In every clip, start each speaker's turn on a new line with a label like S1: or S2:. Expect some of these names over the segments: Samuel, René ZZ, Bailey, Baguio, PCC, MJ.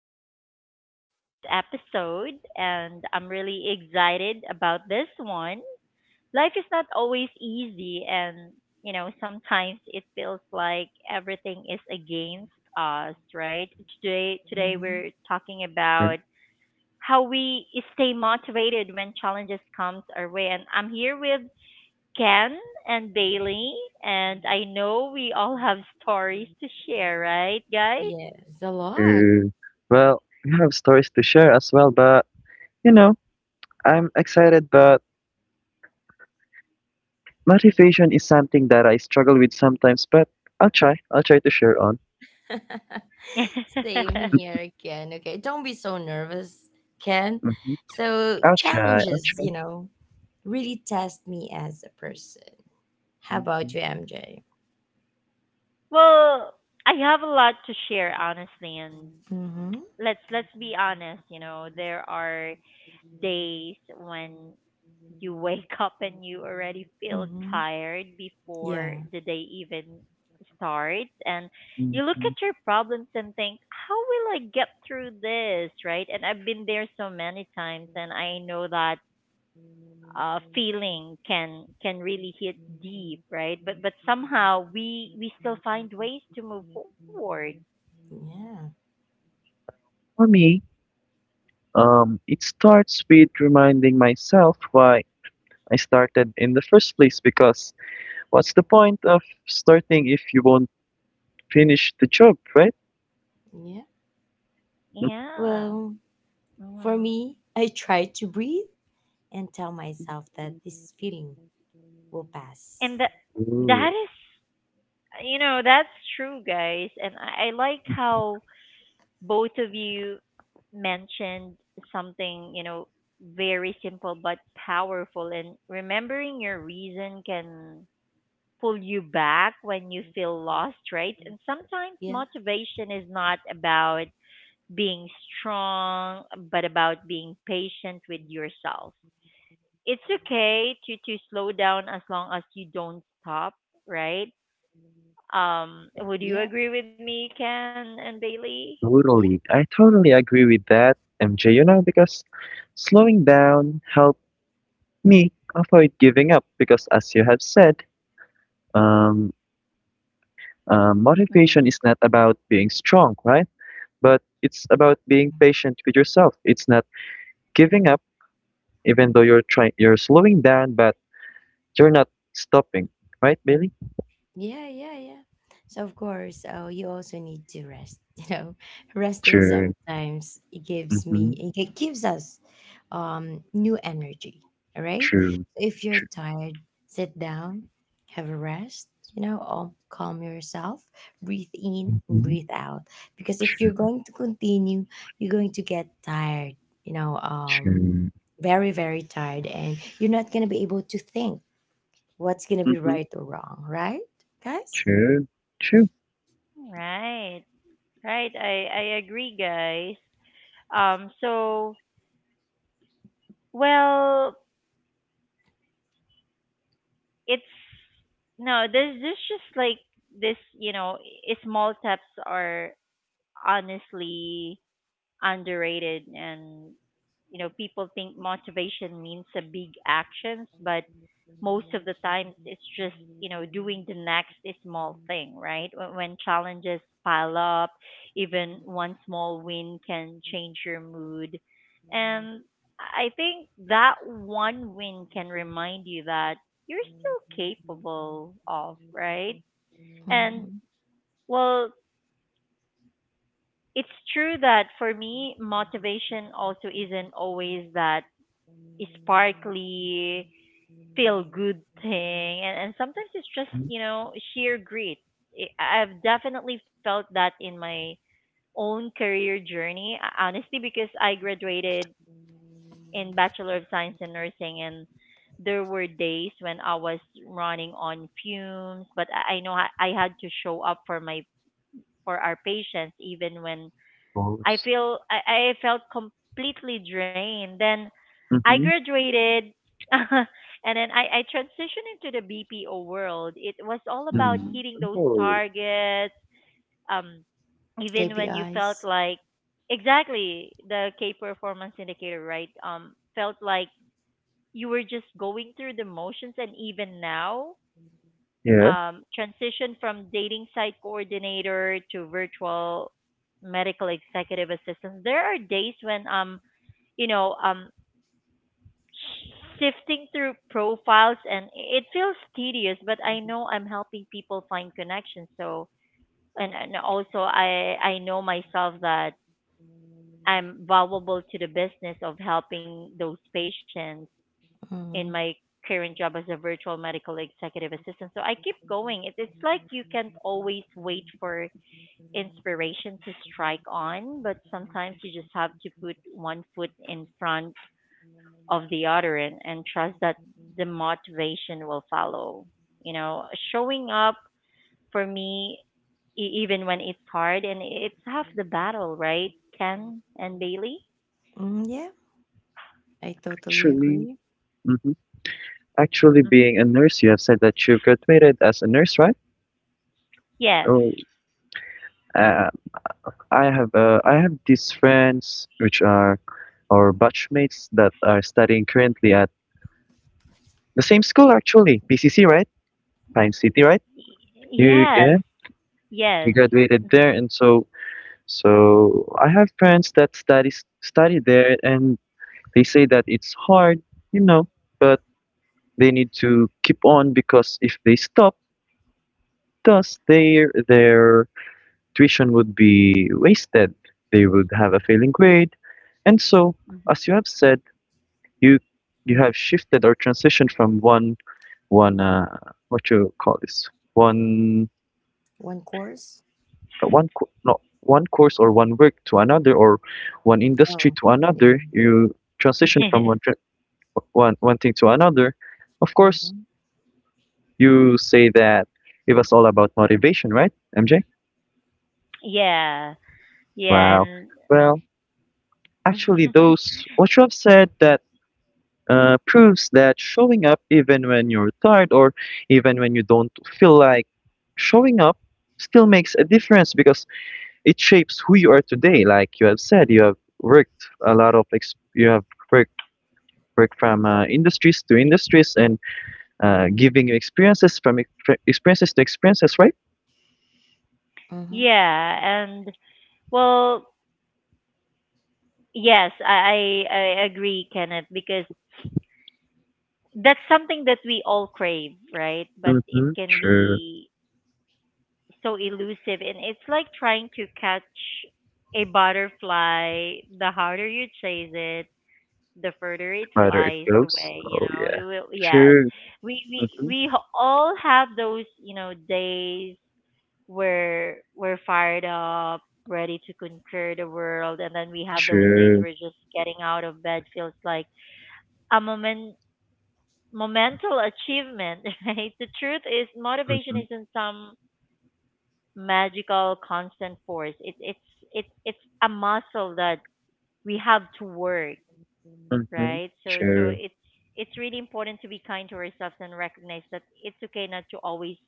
S1: everyone to today's episode, and I'm really excited about this one. Life is not always easy, and sometimes it feels like everything is against us, right? Today
S2: Mhm.
S1: we're talking about how we stay motivated when challenges comes our way, and I'm here with Ken and Bailey, and I know we all have stories to share, right, guys?
S2: Yes, a lot.
S3: Mm, well, we have stories to share as well, but you know, I'm excited, but motivation is something that I struggle with sometimes, but I'll try. I'll try to share on.
S2: Same here again. Okay, don't be so nervous, Ken.
S3: Hmm.
S2: So,
S3: I'll try. I'll
S2: challenges,
S3: try.
S2: you know, really test me as a person. How
S3: Mhm.
S2: about you, MJ?
S1: Well, I have a lot to share honestly, and
S2: Mm-hmm.
S1: let's be honest, you know, there are days when you wake up and you already feel
S2: Mm-hmm.
S1: tired
S2: Yeah.
S1: before the day even starts, and you look
S3: Mhm.
S1: at your problems and think, how will I get through this, right? And I've been there so many times, and I know that feeling can really hit deep, right? But somehow we still find ways to move forward.
S2: Yeah.
S3: For me, it starts with reminding myself why I started in the first place, because what's the point of starting if you won't finish the job, right?
S2: Yeah.
S1: Yeah,
S2: Well, for
S1: mm.
S2: me, I try to breathe and tell myself that this feeling will pass.
S1: and that
S3: Ooh.
S1: that is you know that's true, guys. And I like how both of you mentioned something, very simple but powerful, and remembering your reason can pull you back when you feel lost, right? And sometimes
S2: Yeah.
S1: motivation is not about being strong, but about being patient with yourself. It's okay to slow down as long as you don't stop, right? Would you
S2: Yeah.
S1: agree with me, Ken and Bailey?
S2: Yeah.
S3: Totally. I totally agree with that, MJ, because slowing down helped me avoid giving up because as you have said, um,
S1: Mm,
S3: motivation is not about being strong, right? But it's about being patient with yourself. It's not giving up even though you're slowing down, but you're not stopping, right, Billy?
S2: Yeah, yeah, yeah. So of course, you also need to rest. You know, resting
S3: True.
S2: sometimes it gives
S3: Mm-hmm.
S2: me it gi- gives us new energy. All right.
S3: True.
S2: So if you're
S3: True.
S2: tired, sit down, have a rest. You know, calm yourself, breathe in and
S3: Mm-hmm.
S2: breathe out. Because if
S3: True.
S2: you're going to continue, you're going to get tired. You know,
S3: True.
S2: very very tired, and you're not gonna be able to think what's gonna be
S3: Mm-hmm.
S2: right or wrong, right, guys?
S3: True. True.
S1: right, right. I agree, guys. So, well, it's no, there's this just like this, you know, I- small steps are honestly underrated, and people think motivation means a big actions, but most of the times it's just doing the next small thing, right. When challenges pile up, even one small win can change your mood, and I think that one win can remind you that you're still capable of, right. And
S2: Mm-hmm.
S1: well, it's true that for me, motivation also isn't always that sparkly, feel good thing. And sometimes it's just, sheer grit. I've definitely felt that in my own career journey, honestly, because I graduated in Bachelor of Science in Nursing, and there were days when I was running on fumes, but I know I had to show up for my, for our patients, even when
S3: Of
S1: I felt completely drained. Then I
S3: course.
S1: graduated and then I transitioned into the BPO world. It was all about
S3: Mm.
S2: Mm-hmm.
S1: hitting those
S3: Oh,
S1: targets, um, even when you felt
S2: KPIs.
S1: like exactly the K performance indicator, right? Felt like you were just going through the motions, and even now,
S3: yeah.
S1: transition from dating site coordinator to virtual medical executive assistant. There are days when you know um sifting through profiles and it feels tedious, but I know I'm helping people find connections. So and also I know myself that I'm valuable to the business of helping those patients in
S2: Mm-hmm.
S1: my current job as a virtual medical executive assistant. So I keep going. It's like you can't always wait for inspiration to strike on, but sometimes you just have to put one foot in front of the other, and trust that the motivation will follow. You know, showing up for me, even when it's hard, and it's half the battle, right? Ken and Bailey?
S2: Mm, yeah, I totally
S3: Actually,
S2: agree.
S3: hmm Actually, being a
S1: Hmm.
S3: nurse, you have said that you graduated as a nurse, right?
S1: Yes.
S3: Oh, uh, I have these friends which are our batchmates that are studying currently at the same school, actually, PCC, right? Pine City, right? You yeah,
S1: Yes.
S3: you
S1: Yes.
S3: graduated there, and so I have friends that studies study there, and they say that it's hard, you know, but they need to keep on because if they stop, thus, their tuition would be wasted. They would have a failing grade. And so,
S1: Mm-hmm.
S3: as you have said, you you have shifted or transitioned from one one what you call this, one
S2: One course.
S3: one co- no one course or one work to another or one industry
S2: Oh,
S3: to
S2: yeah.
S3: another. You transition from
S1: Mhm.
S3: one tra- one one thing to another. Of course,
S2: Mm-hmm.
S3: you say that it was all about motivation, right, MJ?
S1: Yeah, yeah,
S3: Wow.
S1: and
S3: Well, actually, those what you have said that proves that showing up even when you're tired or even when you don't feel like showing up still makes a difference because it shapes who you are today. Like you have said, you have worked a lot of ex you have worked worked from industries to industries and giving you experiences from experiences to experiences, right?
S2: Mm-hmm.
S1: yeah, and well, yes, I agree, Kenneth, because that's something that we all crave, right? But it
S3: Mm-hmm.
S1: can
S3: True.
S1: be so elusive, and it's like trying to catch a butterfly. The harder you chase it, the further it
S3: Rather it
S1: flies
S3: goes.
S1: away. You
S3: Oh
S1: know,
S3: yeah.
S1: it will. Yes,
S3: True. Mm-hmm.
S1: all have those, days we're fired up, ready to conquer the world, and then we have those days
S3: True.
S1: where just getting out of bed feels like a momental achievement, right? The truth is motivation
S3: Mm-hmm.
S1: isn't some magical constant force. It it's a muscle that we have to work,
S3: Mm-hmm.
S1: right? So
S3: True.
S1: it's really important to be kind to ourselves and recognize that it's okay not to always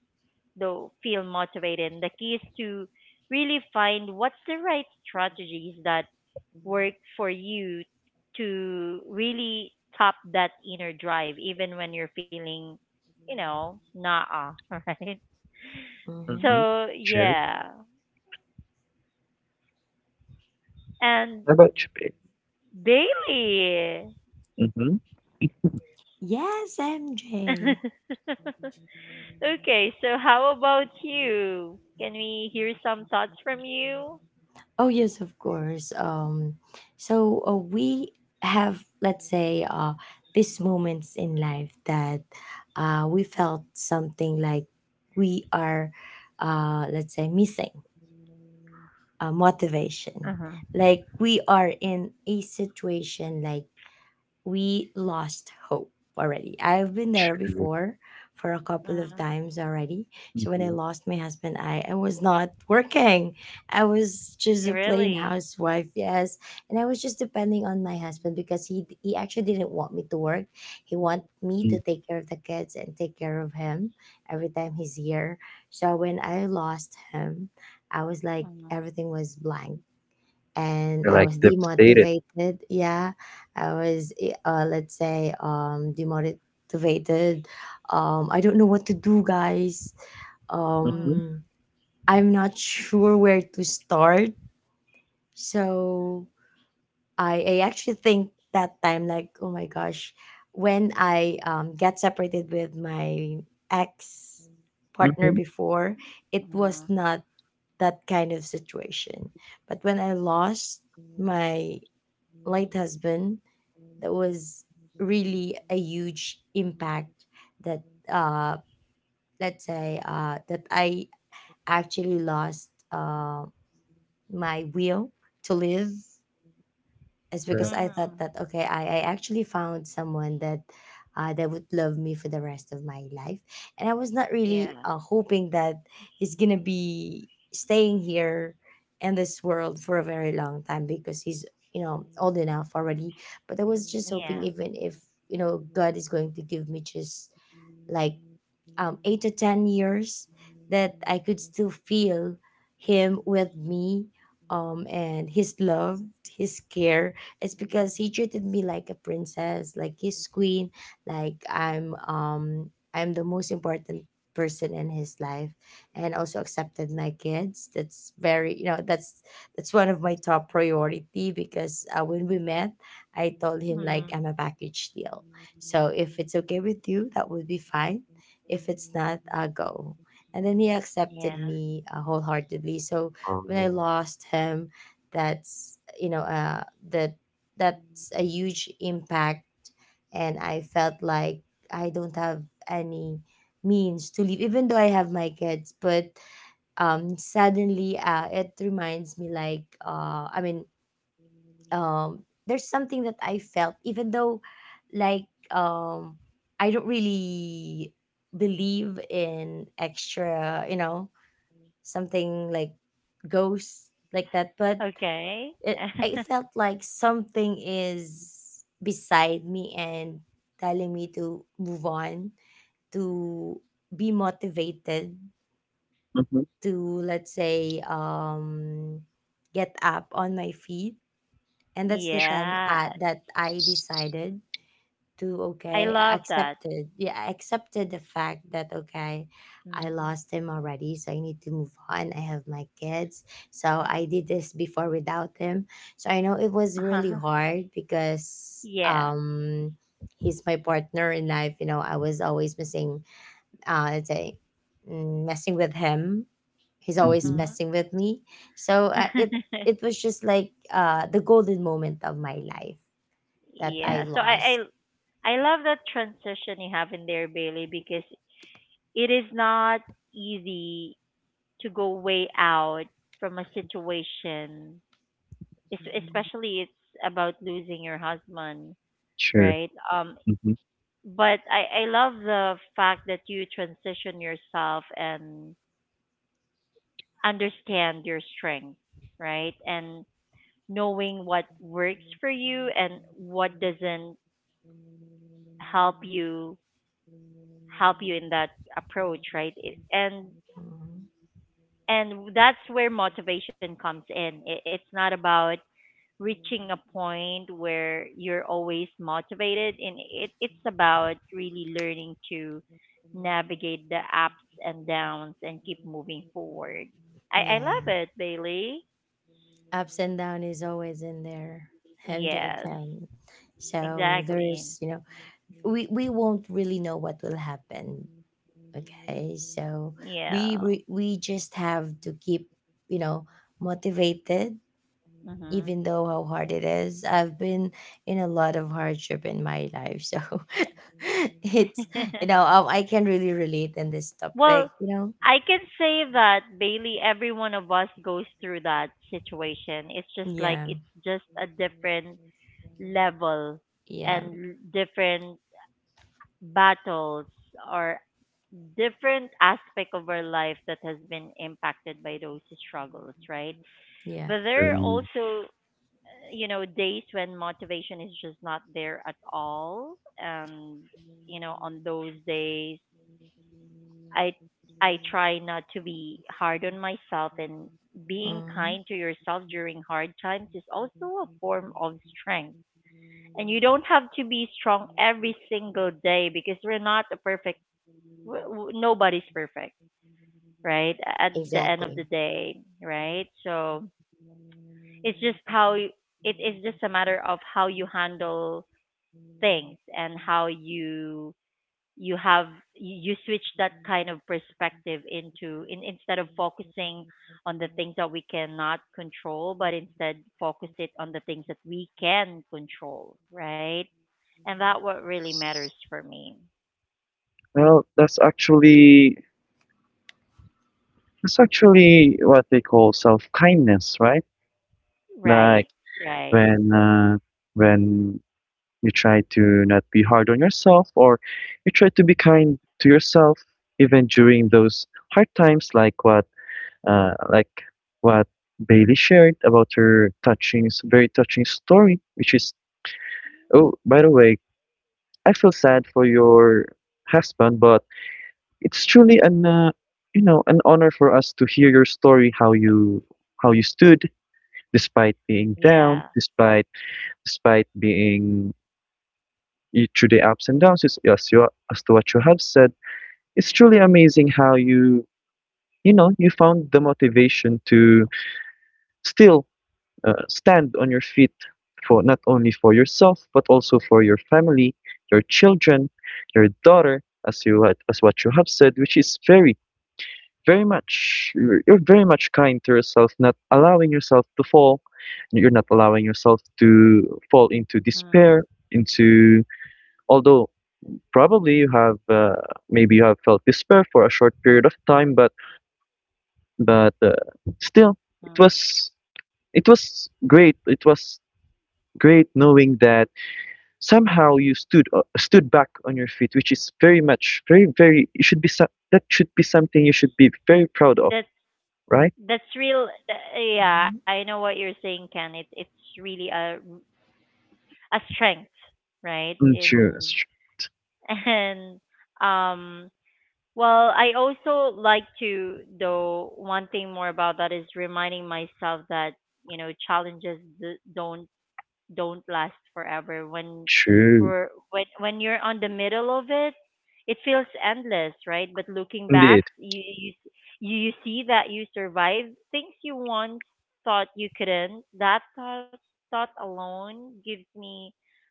S1: though feel motivated. And the key is to really find what's the right strategies that work for you to really top that inner drive, even when you're feeling, nah, right?
S2: Mm-hmm.
S3: Mhm.
S1: So
S3: Sure.
S1: yeah, and
S3: How about you, babe?
S1: Bailey.
S3: Mhm.
S2: Yes, MJ.
S1: Okay, so how about you? Can we hear some thoughts from you?
S2: Oh, yes, of course. So we have, let's say, these moments in life that we felt something like we are, let's say, missing motivation.
S1: Mm-hmm.
S2: Like we are in a situation like we lost hope already. I've been there
S3: Sure.
S2: before for a couple of
S1: Mm,
S2: times already. So when I
S3: Mhm.
S2: lost my husband, I was not working. I was just a plain
S1: really?
S2: housewife, yes. And I was just depending on my husband because he actually didn't want me to work. He want me
S3: Mm.
S2: to take care of the kids and take care of him every time he's here. So when I lost him, I was like
S1: Mm,
S2: everything was blank and
S3: You're
S2: I
S3: like
S2: was
S3: devastated.
S2: demotivated. Yeah, I was, let's say, demotivated. I don't know what to do, guys.
S3: Mhm.
S2: Um,
S1: mm.
S2: I'm not sure where to start. So I actually think that time, like, oh my gosh, when I got separated with my ex partner
S3: Mhm.
S2: before, it was
S1: Mm.
S2: not that kind of situation. But when I lost my Light Husband, that was really a huge impact that, uh let's say, that I actually lost my will to live. It's
S3: Yeah.
S2: because I thought that
S1: Mm.
S2: okay, I actually found someone that would love me for the rest of my life, and I was not really
S1: Yeah.
S2: hoping that he's gonna be staying here in this world for a very long time because he's, you know, old enough already. But I was just hoping
S1: Yeah.
S2: even if, you know, God is going to give me just like, 8 to 10 years that I could still feel him with me, and his love, his care. It's because he treated me like a princess, like his queen, like I'm the most important person in his life, and also accepted my kids. That's very, you know, that's one of my top priority because, when we met, I told him like I'm a
S1: Mm.
S2: package deal. So if it's okay with you, that would be fine. If it's not, I go. And then he accepted
S1: Yeah.
S2: me wholeheartedly. So
S3: Oh.
S2: when I lost him, that's, you know, that that's a huge impact, and I felt like I don't have any means to leave, even though I have my kids. But suddenly, it reminds me like, I mean, um there's something that I felt. Even though, like, I don't really believe in extra, you know, something like ghosts like that, but
S1: Okay.
S2: it, I felt like something is beside me and telling me to move on, to be motivated,
S3: Mhm.
S2: to, let's say, get up on my feet. And that's the time
S1: Yeah.
S2: that I decided to,
S1: I
S2: okay, I
S1: love that.
S2: accepted. Yeah, I accepted the fact that, okay, I
S1: Mm.
S2: lost him already, so I need to move on. I have my kids, so I did this before without him, so I know it was really
S1: Uh-huh.
S2: hard because,
S1: Yeah.
S2: he's my partner in life, you know. I was always missing, let's say, messing with him. He's always
S3: Mhm.
S1: Mhm.
S2: messing with me. So, it it was just like the golden moment of my life that I
S1: Yeah. So
S2: lost.
S1: I love that transition you have in there, Bailey, because it is not easy to go way out from a situation, especially it's about losing your husband,
S3: Sure.
S1: right?
S3: Mhm.
S1: But I love the fact that you transition yourself and understand your strength, right? And knowing what works for you and what doesn't help you help you in that approach, right? It,
S2: Mhm.
S1: and that's where motivation comes in. It's not about reaching a point where you're always motivated, and it's about really learning to navigate the ups and downs and keep moving forward. I
S2: Yeah,
S1: love it, Bailey.
S2: ups and down is always in there. MJ,
S1: Yes,
S2: can so
S1: exactly.
S2: there's, you know, we won't really know what will happen, okay? So we
S1: Yeah.
S2: we, we just have to keep, you know, motivated,
S1: Hmm.
S2: even though how hard it is. I've been in a lot of hardship in my life, so it's, you know, I can really relate in this
S1: Well,
S2: topic. You know,
S1: I can say that, Bailey, every one of us goes through that situation. It's just like,
S2: yeah,
S1: it's just a different level
S2: yeah,
S1: and different battles, or different aspect of our life that has been impacted by those struggles, right?
S2: yeah,
S1: But there are
S3: Um,
S1: also, days when motivation is just not there at all, and on those days, I I try not to be hard on myself, and being
S2: mm,
S1: kind to yourself during hard times is also a form of strength. And you don't have to be strong every single day because we're not a perfect w- w- nobody's perfect, right? At the end of
S2: exactly.
S1: the day, right? So it's just how you, it is just a matter of how you handle things, and how you you have you you switch that kind of perspective, instead of focusing on the things that we cannot control, but instead focus it on the things that we can control, right. And that what really matters for me,
S3: Well, that's actually what they call self-kindness, right? Like
S1: right, right.
S3: when uh, when you try to not be hard on yourself or you try to be kind to yourself even during those hard times, like uh, like what Bailey shared about her touching, very touching story, which is, oh, by the way, I feel sad for your husband, but it's truly an honor for us to hear your story, how you stood despite being
S1: Yeah.
S3: down, despite, despite being through the ups and downs. As as to what you have said, it's truly amazing how you found the motivation to still uh, stand on your feet, for not only for yourself but also for your family, your children, your daughter, as what you have said, which is very, very much you're very much kind to yourself, not allowing yourself to fall, you're not allowing yourself to fall into
S1: Mm-hmm.
S3: despair, into although probably you have maybe you have felt despair for a short period of time, but but still it was it was great. It was great knowing that somehow you stood back on your feet, which is very much, very, very. It should be some, that should be something you should be very proud
S1: That's
S3: of, right?
S1: that's real. Yeah, I
S2: Hmm.
S1: know what you're saying, Ken. It's really a strength, right? In
S3: Mm. True.
S1: and um, well, I also like to though one thing more about that is reminding myself that challenges don't last forever. when
S3: True.
S1: we're when when you're on the middle of it feels endless, right. But looking back,
S3: Indeed.
S1: you see that you survived things you once thought you couldn't. That thought alone gives me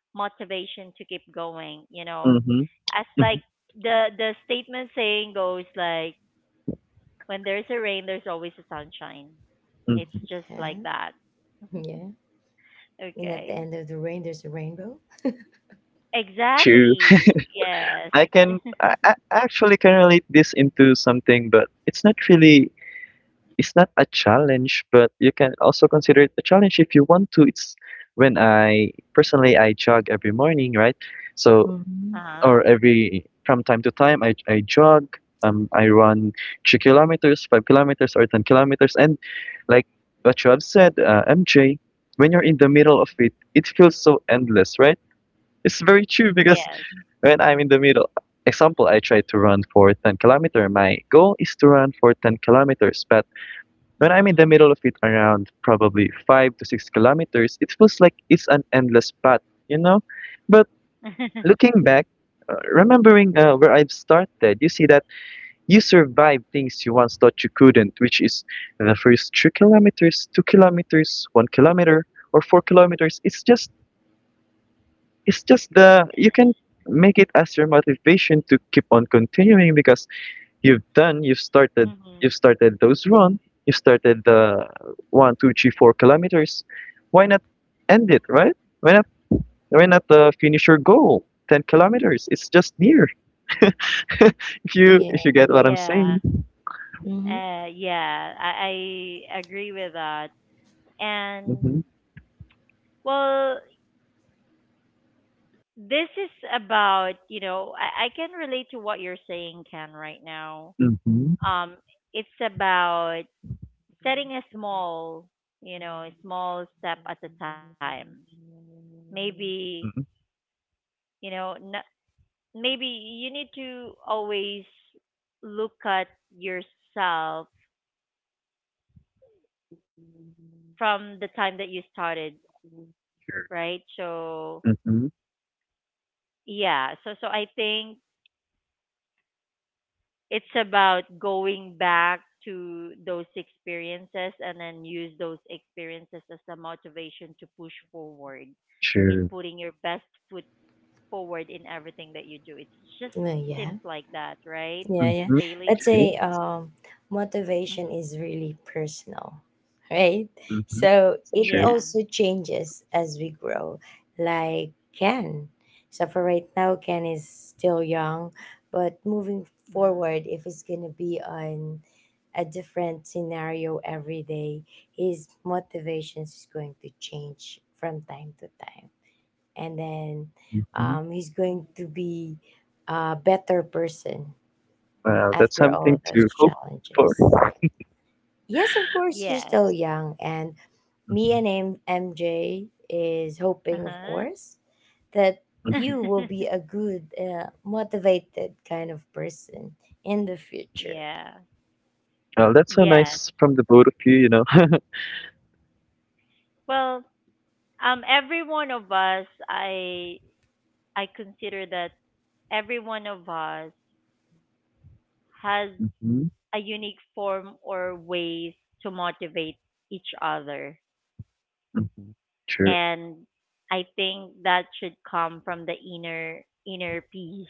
S1: motivation to keep going,
S3: Mm-hmm.
S1: as
S3: Mm-hmm.
S1: like the statement saying goes, like when there's a rain, there's always a sunshine.
S3: Mm.
S1: It's just like
S2: Yeah,
S1: that.
S2: yeah. And at the
S1: Okay.
S2: end of the rain, there's a rainbow.
S3: True.
S1: Exactly. Yes.
S3: I actually can relate this into something, but it's not really, it's not a challenge, but you can also consider it a challenge if you want to. It's when I jog every morning, right? So,
S2: Mhm.
S3: or
S1: Uh-huh.
S3: every from time to time I jog, I run 2 kilometers, 5 kilometers or 10 kilometers and like what you have said, MJ, when you're in the middle of it, it feels so endless, right? It's very true
S1: Mm.
S3: because
S1: Yes.
S3: when I'm in the middle, example, I try to run for 10 kilometer. My goal is to run for 10 kilometers, but when I'm in the
S1: Mm.
S3: middle of it, around probably 5 to 6 kilometers, it feels like it's an endless path, you know. But looking back, remembering where I've started, you see that you survived things you once thought you couldn't, which is the first 3 kilometers, 2 kilometers, 1 kilometer, or 4 kilometers. It's just the you can make it as your motivation to keep on continuing because you've done,
S1: Hmm.
S3: you've started those run, you've started the 1, 2, 3, 4 kilometers. Why not end it, right? Why not, why not finish your goal? 10 kilometers. It's just near. If you
S2: Yeah.
S3: if you get what I'm
S1: Yeah.
S3: saying.
S2: Mhm.
S1: Yeah, I agree with that. And
S3: Mm-hmm.
S1: well, this is about, you know, I can relate to what you're saying, Ken, right now.
S3: Mm-hmm.
S1: Um, it's about setting a small step at a time. Maybe,
S3: Mm-hmm.
S1: you know, n- maybe you need to always look at yourself from the time that you started, right? So
S3: Mm-hmm.
S1: yeah, so I think it's about going back to those experiences, and then use those experiences as a motivation to push forward in
S3: True.
S1: putting your best foot forward in everything that you do. It just
S2: No, yeah.
S1: seems like that, right,
S2: Yeah, yeah.
S3: Mm-hmm.
S2: Let's
S1: Bailey?
S3: True.
S2: say, motivation
S1: Hmm.
S2: is really personal, right?
S3: Mm-hmm.
S2: So it
S3: True.
S1: Yeah.
S2: also changes as we grow. Like Ken. So for right now, Ken is still young, but moving
S1: Mm-hmm.
S2: forward, if it's gonna be on a different scenario every day, his motivations is going to change from time to time, and then,
S3: Mm-hmm.
S2: he's going
S1: Mm-hmm.
S2: to be a better person
S3: Wow, that's
S2: after
S3: something
S2: all those
S3: to hope for.
S2: challenges. Yes, of course, you're
S1: Yeah.
S2: still young, and
S3: Mm-hmm.
S2: MJ is
S1: Uh
S2: hoping, of
S1: huh.
S2: course, that
S3: Mm-hmm.
S2: you will be a good, motivated kind of person in the future.
S1: Yeah.
S3: Well, that's so
S1: Yes.
S3: nice from the both of you, you know.
S1: Well, every one of us, I consider that every one of us has
S3: Mm-hmm.
S1: a unique form or ways to motivate each other,
S3: Mm-hmm. True.
S1: and I think that should come from the inner peace,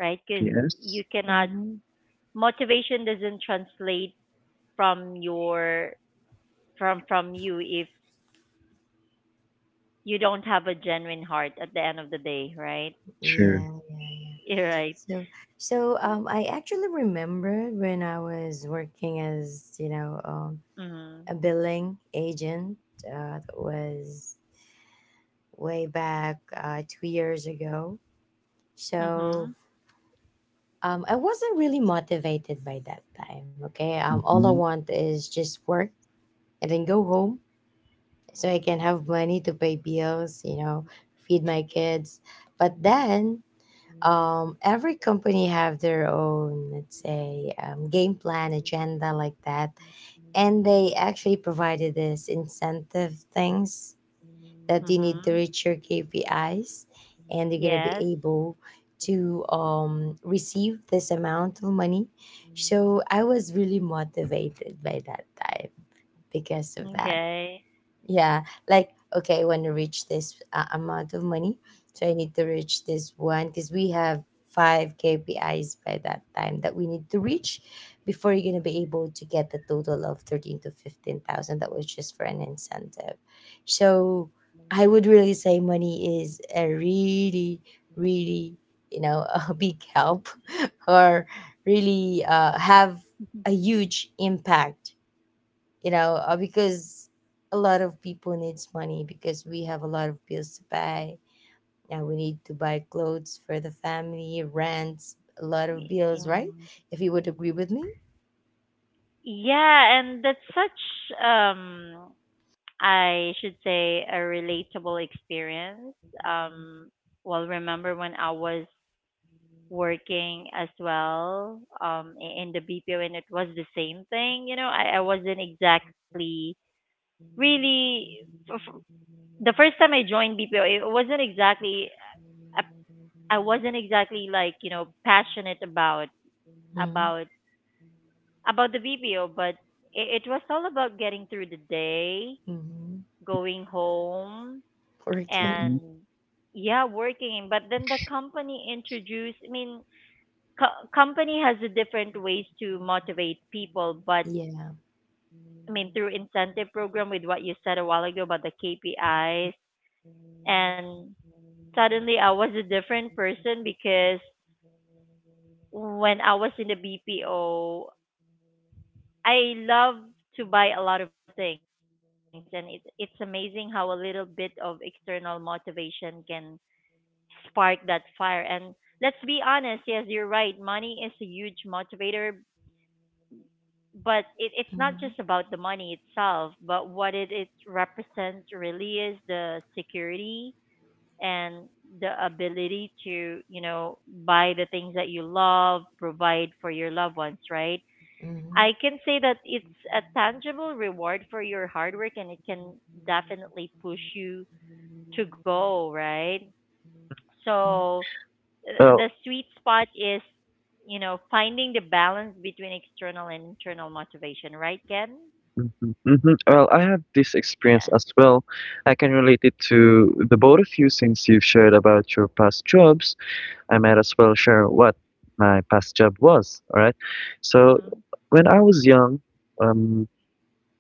S1: right? Because
S3: P.S.
S1: you cannot
S2: Mm-hmm.
S1: motivation doesn't translate from your from you if you don't have a genuine heart at the end of the day, right?
S2: Yeah,
S3: True.
S2: yeah, yeah.
S1: You're right.
S2: So, so I actually remember when I was working as, you know, a
S1: Mhm.
S2: billing agent, that was way back, 2 years ago. So,
S1: Mhm.
S2: I wasn't really motivated by that time. Okay, all I
S3: Mm-hmm.
S2: want is just work and then go home so I can have money to pay bills, you know, feed my kids. But then, every company have their own, let's say, game plan agenda like that, and they actually provided this incentive things that you need to
S1: Mhm.
S2: reach your KPIs and you're going to be
S1: Yes.
S2: able to, receive this amount of money. So I was really motivated by that time because of that.
S1: Okay.
S2: Yeah, like, okay, when I want to reach this, amount of money, so I need to reach this one because we have five KPIs by that time that we need to reach before you're gonna be able to get the total of thirteen to fifteen thousand. That was just for an incentive. So I would really say money is a really, really, you know, a big help, or really, have a huge impact, you know, because a lot of people needs money because we have a lot of bills to pay. Yeah, we need to buy clothes for the family, rents, a lot of bills, right,
S1: Mhm.
S2: if you would agree with me.
S1: Yeah, and that's such, I should say, a relatable experience. Um well, remember when I was working as well, in the BPO, and it was the same thing, I wasn't exactly really f- the first time I joined BPO, it wasn't exactly, I I wasn't exactly like, passionate
S2: Mm-hmm.
S1: about about the BPO, but it was all about getting through the day,
S2: Mm-hmm.
S1: going home,
S2: Working.
S3: Mm-hmm.
S1: and yeah, working. But then the company introduced. I mean, company has a different ways to motivate people, but
S2: Yeah.
S1: I mean, through incentive program with what you said a while ago about the KPIs, and suddenly I was a different person because when I was in the BPO, I love to buy a lot of things, and it's amazing how a little bit of external motivation can spark that fire. And let's be honest, yes, you're right. Money is a huge motivator, but it's not just
S2: Mm-hmm.
S1: about the money itself, but what it represents really is the security and the ability to, you know, buy the things that you love, provide for your loved ones, right?
S2: Mm-hmm.
S1: I can say that it's a tangible reward for your hard work and it can definitely push you to go, right?
S2: Hmm.
S1: So
S3: Well.
S1: the sweet spot is, you know, finding the balance between external and internal motivation, right, Ken?
S3: Mm-hmm. Mm-hmm. Well, I have this experience
S1: Yeah.
S3: as well. I can relate it to the both of you since you've shared about your past jobs. I might as well share what my past job was. All right. So
S1: Mhm.
S3: when I was young, um,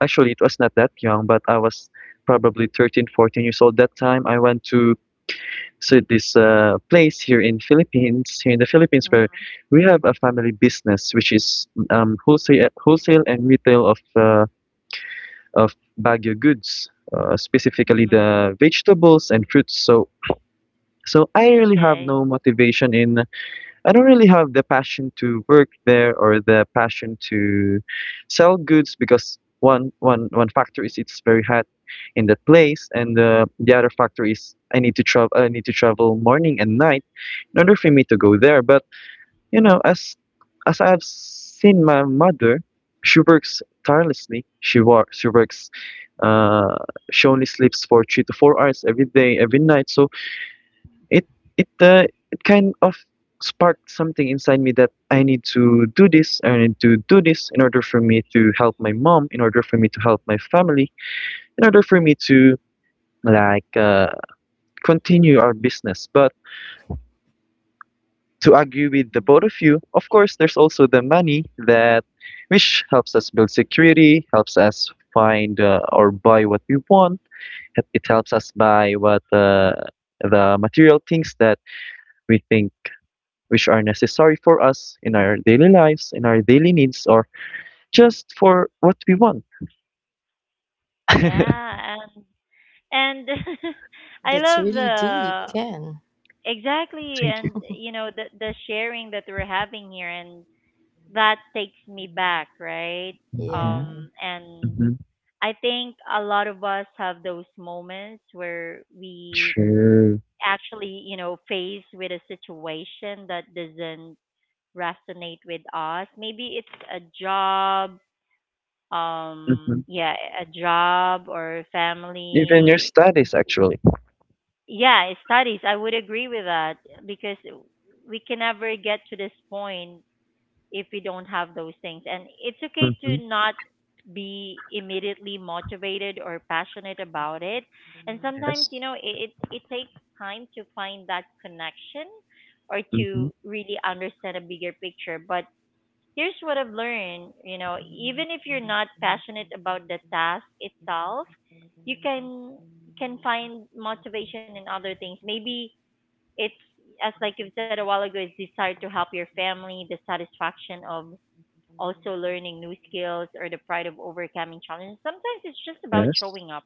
S3: actually it was not that young, but I was probably 13, 14 years old. That time I went to this place here in the Philippines, where
S1: Mhm.
S3: we have a family business, which is wholesale and retail of of Baguio goods, specifically
S1: Mhm.
S3: the vegetables and fruits. So I really have
S1: Okay.
S3: no motivation in I don't really have the passion to work there or the passion to sell goods because one factor is it's very hot in that place, and the other factor is I need to travel. I need to travel morning and night in order for me to go there. But, you know, as I have seen my mother, she works tirelessly. She works. She works. Uh, she only sleeps for 3 to 4 hours every day, every night. So it it uh, it kind of sparked something inside me that I need to do this, I need to do this in order for me to help my mom, in order for me to help my family, in order for me to, like, continue our business. But to argue with the both
S1: Mhm.
S3: of you, of course, there's also the money that which helps us build security, helps us find or buy what we want. It helps us buy what the material things that we think, which are necessary for us in our daily lives, in our daily needs, or just for what we want.
S1: Yeah, and I
S2: That's
S1: love
S2: really deep,
S1: the
S2: Ken.
S1: exactly
S3: Thank you.
S1: and you know the sharing that we're having here and that takes me back, right?
S3: Hmm.
S2: Yeah.
S1: And
S3: Hmm.
S1: I think a lot of us have those moments where we
S3: True.
S1: actually, you know, faced with a situation that doesn't resonate with us. Maybe it's a job,
S3: Hmm.
S1: yeah, a job or
S3: Even your
S1: family.
S3: studies, actually.
S1: Yeah, studies. I would agree with that because we can never get to this point if we don't have those things. And it's okay
S3: Hmm.
S1: to not be immediately motivated or passionate about it. And sometimes,
S3: Yes.
S1: you know, it takes time to find that connection or
S3: Hmm.
S1: to really understand a bigger picture. But here's what I've learned, you know, even if you're not passionate about the task itself, you can find motivation in other things. Maybe it's as like you've said a while ago, it's desire to help your family, the satisfaction of also learning new skills or the pride of overcoming challenges. Sometimes it's just about
S3: Yes.
S1: showing up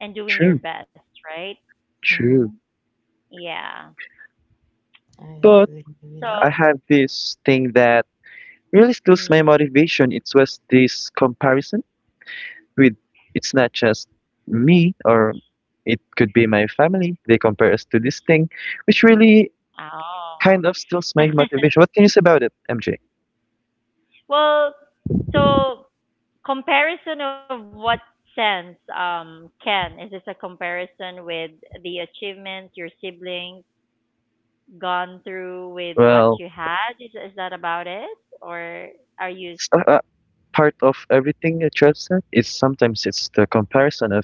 S1: and doing your
S3: True.
S1: best, right?
S3: True.
S2: Mm-hmm.
S1: Yeah.
S2: I
S3: But
S2: agree with
S1: So,
S2: that.
S3: I have this thing that really steals
S1: mm,
S3: my motivation. It was this comparison with it's not just me, or it could be my family. They compare us to this thing, which really
S1: oh.
S3: kind of steals my motivation. What can you say about it, MJ?
S1: Well, so comparison of what sense, Ken? Is this a comparison with the achievements your siblings gone through with what you
S3: Well,
S1: had? Is that about it? Or are you,
S3: it's a part of everything that you have said is sometimes it's the comparison of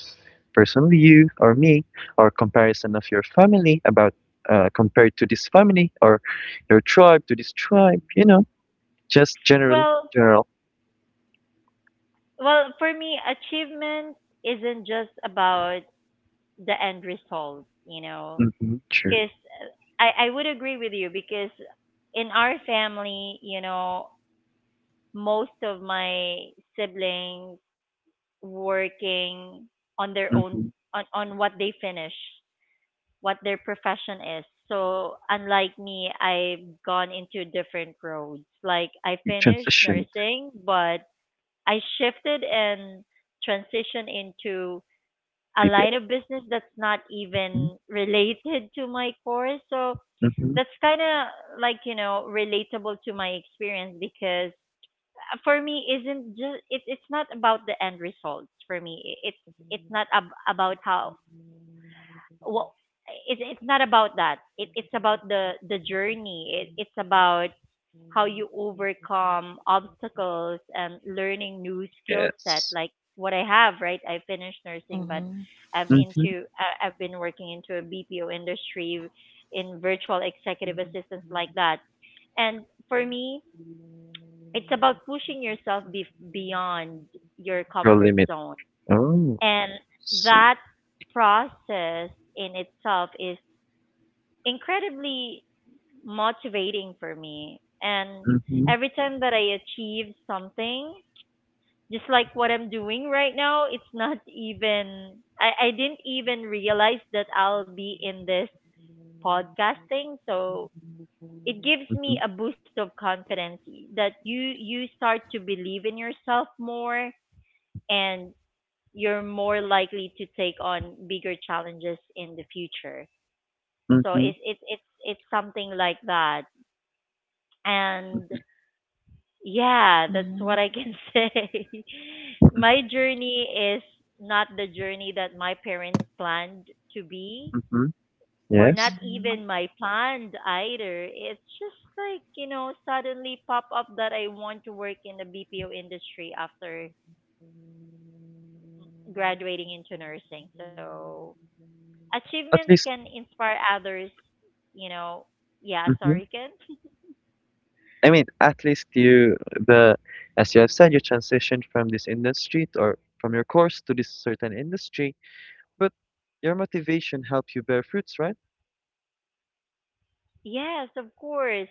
S3: personally you or me, or comparison of your family about, compared to this family or your tribe to this tribe. You know, just general,
S1: well,
S3: general.
S1: well, for me, achievement isn't just about the end result, you know,
S3: Mm-hmm, true.
S1: because I would agree with you because in our family, you know, most of my siblings working on their own,
S3: Mm-hmm.
S1: on what they finish, what their profession is. So, unlike me, I've gone into different roads. Like, I
S3: You
S1: finished
S3: transitioned.
S1: nursing, but I shifted and transition into a
S3: BPL.
S1: line of business that's not
S3: Mm-hmm.
S1: even related to my course. So
S3: Mm-hmm.
S1: that's kind of like, you know, relatable to my experience because for me isn't just it, it's not about the end results for me. It's not about how what it's not about that. It it's about the journey. It's about how you overcome obstacles and learning new skill set
S3: Yes.
S1: like what I have, right? I finished nursing, but
S2: Mm-hmm.
S1: I've
S3: Mm-hmm.
S1: into I've been working into a BPO industry in virtual executive assistance like that, and for me it's about pushing yourself beyond your
S3: Your
S1: comfort
S3: limit.
S1: zone,
S3: Oh,
S1: and
S3: see.
S1: that process in itself is incredibly motivating for me. And
S3: Mm-hmm.
S1: every time that I achieve something, just like what I'm doing right now, it's not even, I didn't even realize that I'll be in this podcasting. So it gives
S3: Mm-hmm.
S1: me a boost of confidence that you start to believe in yourself more, and you're more likely to take on bigger challenges in the future. So
S3: Mm-hmm.
S1: it's something like that. And
S3: Mm-hmm.
S1: yeah, that's what
S2: Mm-hmm.
S1: I can say. My journey is not the journey that my parents planned to be,
S3: Mm-hmm.
S1: or not
S3: Yes.
S2: Mm-hmm.
S1: even my planned either. It's just like, you know, suddenly pop up that I want to work in the BPO industry after graduating into nursing. So achievements
S3: At
S1: can
S3: least,
S1: inspire others, you know. Yeah,
S3: hmm,
S1: sorry, Ken.
S3: I mean, at least you, the as you have said, you transitioned from this industry, or from your course to this certain industry, but your motivation helped you bear fruits, right?
S1: Yes, of course.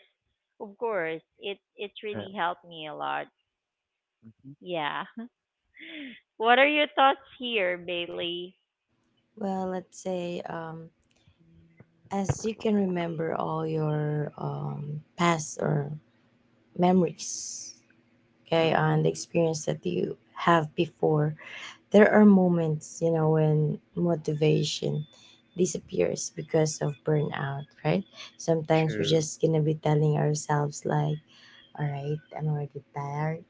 S1: Of course. It really
S3: Yeah.
S1: helped me a lot. Yeah. What are your thoughts here, Bailey?
S2: Well, let's say, as you can remember all your, past or memories,
S3: Mm-hmm.
S2: okay,
S1: Mm.
S3: Mm-hmm.
S2: and the experience that you have before, there are moments, you know, when motivation disappears because of burnout, right? Sometimes we're
S3: True.
S2: just gonna be telling ourselves, like, all right, I'm already tired,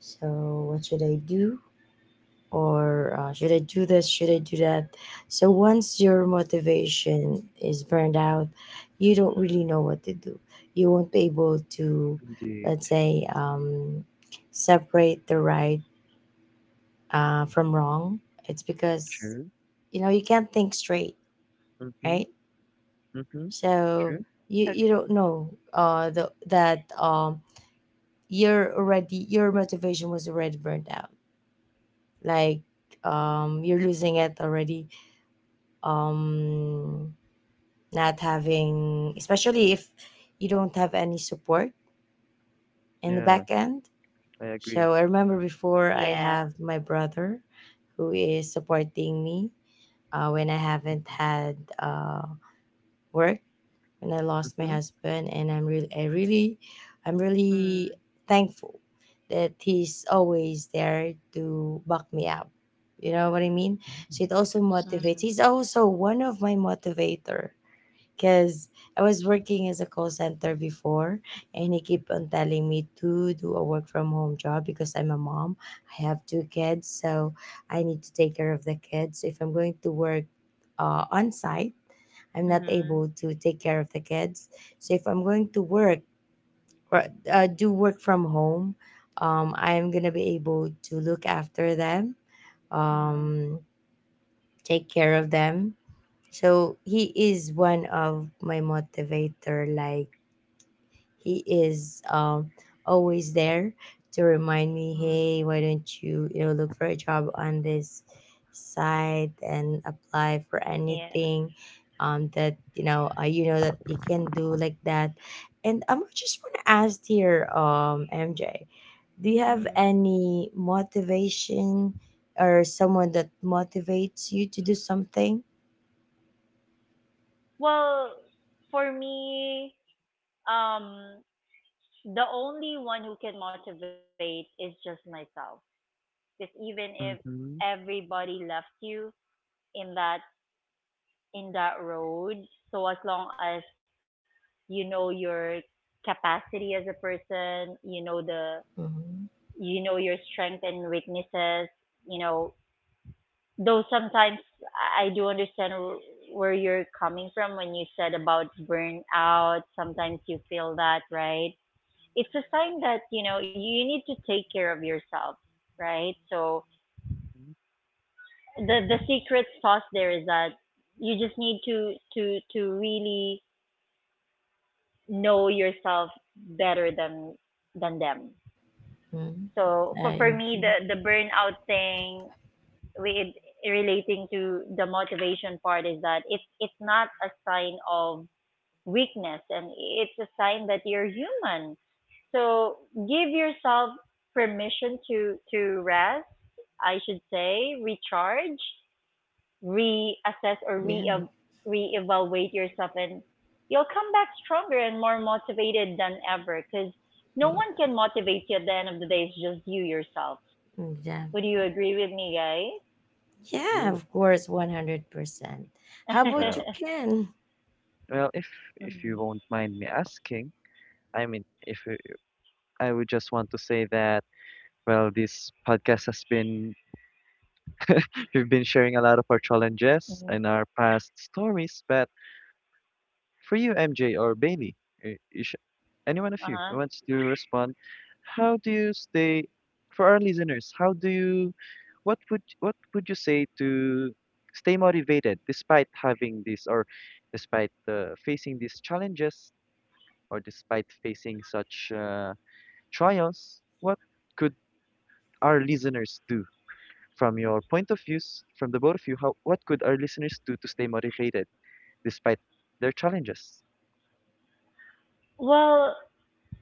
S2: so what should I do? Or, should I do this? Should I do that? So once your motivation is burned out, you don't really know what to do. You won't be able to,
S3: Indeed.
S2: let's say, separate the right from wrong. It's because,
S3: True.
S2: you know, you can't think straight,
S3: Mm-hmm.
S2: right?
S3: Mm-hmm.
S2: So
S3: True.
S2: you,
S1: Okay.
S2: don't know, the, that you're already, your motivation was already burned out. Like, you're losing it already, um not having, especially if you don't have any support in the back
S3: Yeah,
S2: end.
S3: I agree.
S2: So I remember, before I
S1: Yeah.
S2: have my brother who is supporting me, when I haven't had uh, work when I lost my
S3: Mm-hmm.
S2: husband, and i'm really i really i'm
S1: Mm.
S2: really thankful that he's always there to back me up, you know what I mean.
S3: Mm-hmm.
S2: So it also
S3: Yes.
S1: Mm.
S2: motivates. He's also one of my motivator because I was working as a call center before, and he keep on telling me to do a work from home job because I'm a mom. I have two kids, so I need to take care of the kids. If I'm going to work on site, I'm not
S1: Mm.
S2: able to take care of the kids. So if I'm going to work or do work from home, I'm gonna be able to look after them,
S1: Mm.
S2: um, take care of them. So he is one of my motivator. Like, he is, always there to remind me,
S1: Mm.
S2: hey, why don't you, you know, look for a job on this site and apply for
S1: Yeah.
S2: anything, that you know, you know that you can do, like that. And I'm just want to ask here, MJ, do you have
S1: Mm.
S2: any motivation or someone that motivates you to do something?
S1: Well, for me, um, the only one who can motivate is just myself. Because even if
S3: Mm-hmm.
S1: everybody left you in that in that road, so as long as you know your capacity as a person, you know the
S2: Mhm.
S1: you know your strength and weaknesses, you know, though sometimes I do understand where you're coming from when you said about burnout, sometimes you feel that, right? It's a sign that you know you need to take care of yourself, right? So the secret sauce there is that you just need to to really know yourself better than them.
S2: Mhm.
S1: So for
S2: I
S1: me the
S2: agree.
S1: burnout thing with relating to the motivation part is that it's not a sign of weakness, and it's a sign that you're human. So give yourself permission to rest, I should say, recharge, reassess or
S2: Yeah,
S1: re
S2: mm,
S1: reevaluate yourself, and you'll come back stronger and more motivated than ever, cuz no
S2: yeah,
S1: one can motivate you at the end of the day, it's just you yourself.
S2: mm, yeah,
S1: Would you agree with me,
S2: yeah.
S3: Sure.
S2: Of course, 100%. How
S1: guys?
S2: about you,
S3: Well,
S2: Ken?
S3: well, if
S1: Mhm.
S3: you won't mind me asking, I mean, if you, I would just want to say that. Well, this podcast has we've been sharing a lot of our
S1: Mhm.
S3: challenges and our past stories. But for you, MJ or Bailey, is any
S1: Uh-huh.
S3: one of you who wants to respond, how do you stay, for our listeners, how do you, what would you say to stay motivated despite having this or despite facing these challenges or despite facing such trials? What could our listeners do? From your point of views, from the both of you, how what could our listeners do to stay motivated despite their challenges?
S1: Well,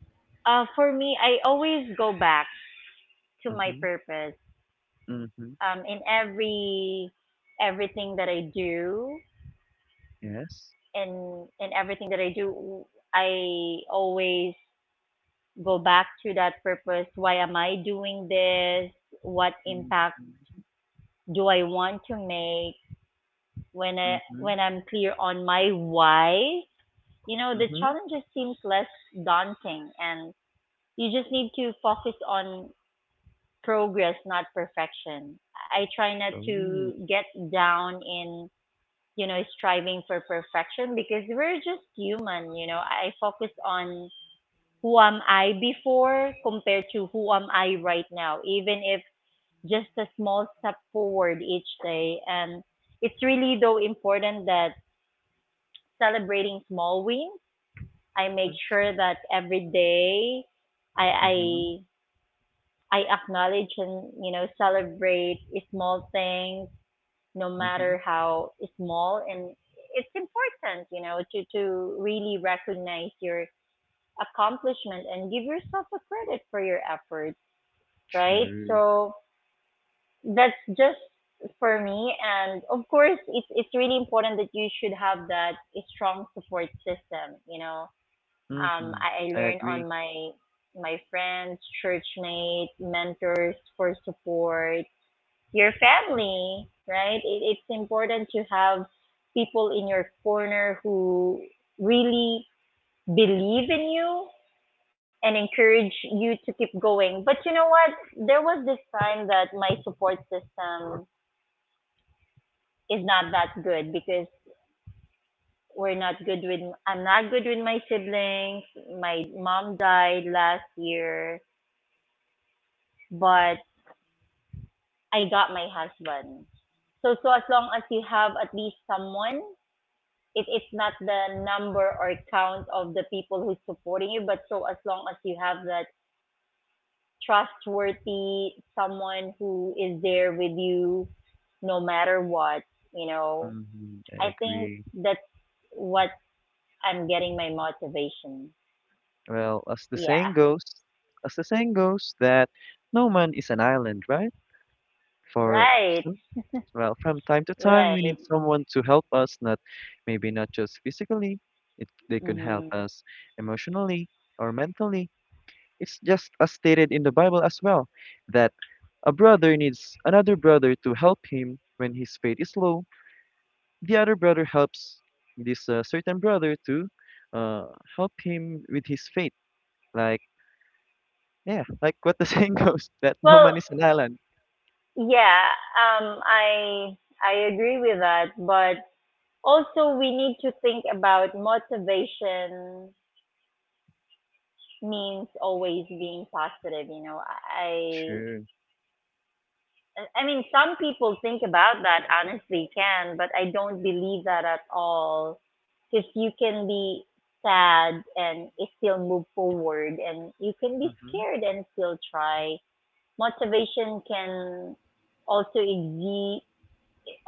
S1: for me, I always go back to my
S3: Mm-hmm.
S1: purpose.
S3: Mm-hmm.
S1: In everything that I do, and
S3: Yes.
S1: in everything that I do, I always go back to that purpose. Why am I doing this? What impact
S3: Mm-hmm.
S1: do I want to make? When
S3: Mm-hmm.
S1: I'm clear on my why, you know, the
S3: Mm-hmm.
S1: challenges seems less daunting, and you just need to focus on progress, not perfection. I try not to
S3: Oh.
S1: get down in, you know, striving for perfection because we're just human, you know. I focus on who am I before compared to who am I right now, even if just a small step forward each day. And it's really, though, important that celebrating small wins, I make
S3: Mm-hmm.
S1: sure that every day I
S3: Mm-hmm.
S1: I acknowledge and you know celebrate small things no
S3: Mm-hmm.
S1: matter how small, and it's important, you know, to really recognize your accomplishment and give yourself a credit for your efforts, right?
S3: True.
S1: So that's just for me, and of course it's really important that you should have that strong support system, you know.
S3: Mm-hmm.
S1: I
S3: I
S1: learned on
S3: agree.
S1: my my friends, churchmates, mentors for support, your family, right? It's important to have people in your corner who really believe in you and encourage you to keep going. But you know what? There was this time that my support system is not that good because we're not good with I'm not good with my siblings. My mom died last year, but I got my husband. So so as long as you have at least someone it's not the number or count of the people who's supporting you, but so as long as you have that trustworthy someone who is there with you no matter what, you know,
S3: Mm-hmm.
S1: I
S3: I
S1: think
S3: agree.
S1: that's what I'm getting my motivation.
S3: Well, as the
S1: Yeah,
S3: saying goes, that no man is an island, right? For
S1: right,
S3: so Well, from time to time, we
S1: right.
S3: need someone to help us, not maybe not just physically. They could
S1: Hmm.
S3: help us emotionally or mentally. It's just as stated in the Bible as well, that a brother needs another brother to help him when his faith is low. The other brother helps this, certain brother to, uh, help him with his faith. Like, yeah, like what the saying goes, that no
S1: Well,
S3: man is an island.
S1: yeah, um, I I agree with that, but also we need to think about motivation means always being positive, you know. i
S3: True.
S1: i mean, some people think about that honestly, can but I don't believe that at all because you can be sad and still move forward, and you can be
S3: Mm-hmm.
S1: scared and still try. Motivation can also exist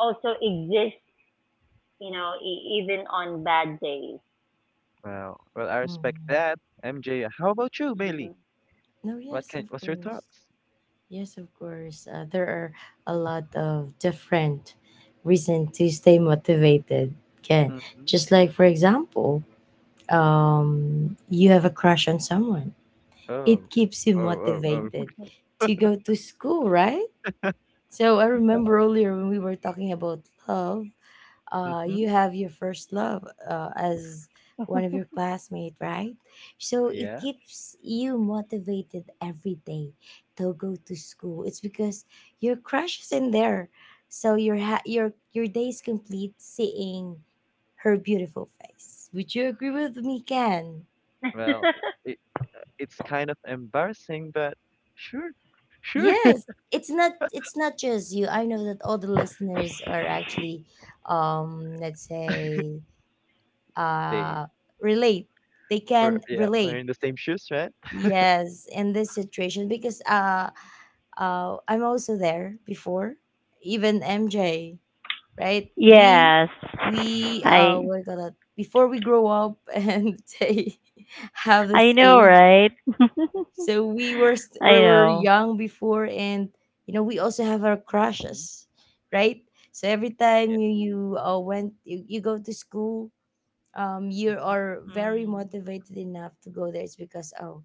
S1: also exist you know, even on bad days.
S3: Wow. Well, I respect
S2: Mm.
S3: that. MJ, how about you, Bailey?
S1: Mhm.
S2: No, yes, of
S3: What's your
S2: course.
S3: thoughts?
S2: Yes, of course. There are a lot of different reasons to stay motivated. Again,
S3: Mhm.
S2: just like, for example, um, you have a crush on someone, it
S3: Oh.
S2: keeps you
S3: Oh, oh, oh.
S2: motivated to go to school, right? So I
S3: Well,
S2: remember earlier when we were talking about love,
S3: mhm.
S2: you have your first love, as one of your classmate, right? So it
S3: Yeah.
S2: keeps you motivated every day to go to school. It's because your crush is in there, so your ha- your day is complete, seeing her beautiful face. Would you agree with me, Ken?
S3: Well, it, it's kind of embarrassing, but sure. Sure.
S2: Yes. It's not just you. I know that all the listeners are actually, let's say,
S3: They
S2: uh relate. They
S3: were,
S2: can
S3: yeah,
S2: relate.
S3: wearing the same shoes, right?
S2: Yes, in this situation because, I'm also there before, even MJ, right?
S1: Yes,
S3: Mhm.
S1: I
S2: We're gonna, before we grow up and say, have
S1: I
S2: this
S1: know,
S2: age.
S1: right?
S2: So we
S1: I
S2: were
S1: know.
S2: young before, and you know, we also have our
S3: Mhm.
S2: crushes, right? So every time,
S3: Yeah.
S2: you go to school, you
S3: Mhm.
S2: are very
S1: Mm.
S2: motivated enough to go there. It's because, oh,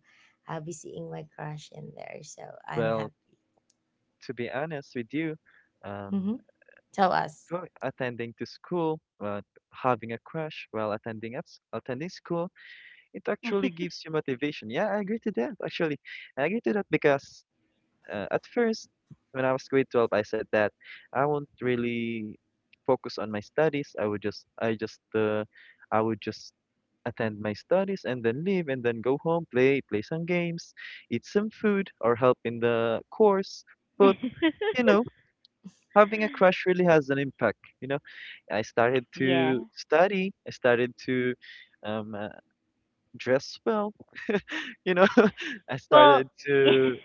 S2: I'll be seeing my crush in there, so I'm
S3: Well,
S2: happy.
S3: to be honest with you, um,
S2: Mm-hmm. Tell us.
S3: go attending to school, but having a crush while attending attending school, it actually gives you motivation. Yeah, I agree to that. Actually, I agree to that because, at first, when I was grade 12, I said that I won't really focus on my studies. I would just, I would just attend my studies and then leave and then go home, play, some games, eat some food, or help in the course. But, you know, having a crush really has an impact. You know, I started
S1: Yeah.
S3: to study, I started to, um, uh, dress well, you know, I
S1: Well,
S3: started to.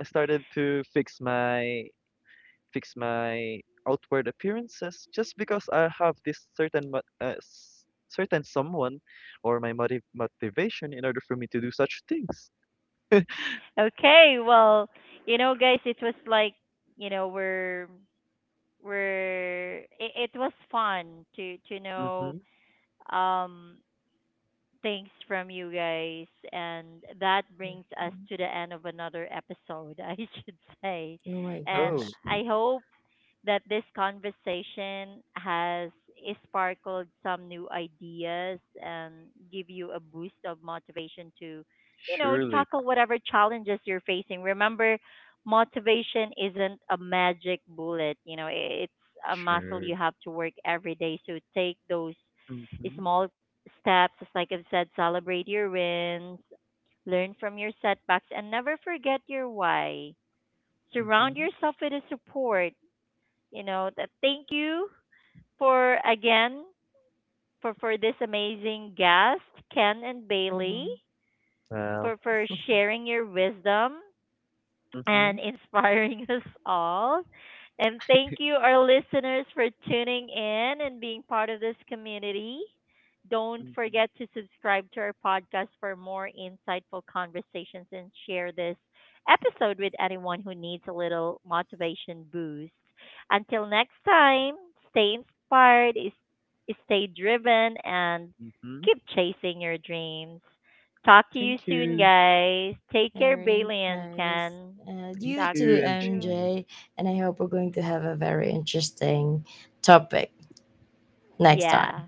S3: I started to fix my outward appearances just because I have this certain someone or my motivation in order for me to do such things.
S1: okay. Well, you know, guys, it was like, you know, we're it, it was fun to know
S3: Mm-hmm.
S1: um things from you guys, and that brings us
S2: Mhm.
S1: to the end of another episode, I should say.
S2: Oh my
S1: And
S3: Oh,
S2: gosh.
S1: I hope that this conversation has sparkled some new ideas and give you a boost of motivation to, you know,
S3: surely,
S1: tackle whatever challenges you're facing. Remember, motivation isn't a magic bullet, you know, it's a muscle
S3: sure.
S1: you have to work every day. So take those
S3: Mm-hmm.
S1: small steps, just like I've said, celebrate your wins, learn from your setbacks, and never forget your why. Surround
S3: Mm-hmm.
S1: yourself with a support, you know, that thank you, for again, for this amazing guest, Ken and Bailey,
S2: Mm-hmm.
S3: Well.
S1: for sharing your wisdom
S3: Mm-hmm.
S1: and inspiring us all. And thank you, our listeners, for tuning in and being part of this community. Don't
S3: Mm-hmm.
S1: forget to subscribe to our podcast for more insightful conversations and share this episode with anyone who needs a little motivation boost. Until next time, stay inspired, stay driven, and
S3: Mm-hmm.
S1: keep chasing your dreams. Talk to you
S3: Thank
S1: soon,
S3: you.
S1: guys. Take
S2: All
S1: care,
S2: right,
S1: Bailey and
S2: guys.
S1: Ken.
S2: You
S3: Thank
S1: Talk to
S2: too,
S3: you,
S1: you soon.
S3: MJ.
S2: MJ. And I hope we're going to have a very interesting topic next time.
S1: Yeah,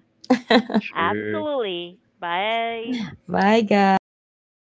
S3: Sure.
S1: absolutely. Bye.
S2: Bye,
S3: Bye, guys.
S2: guys.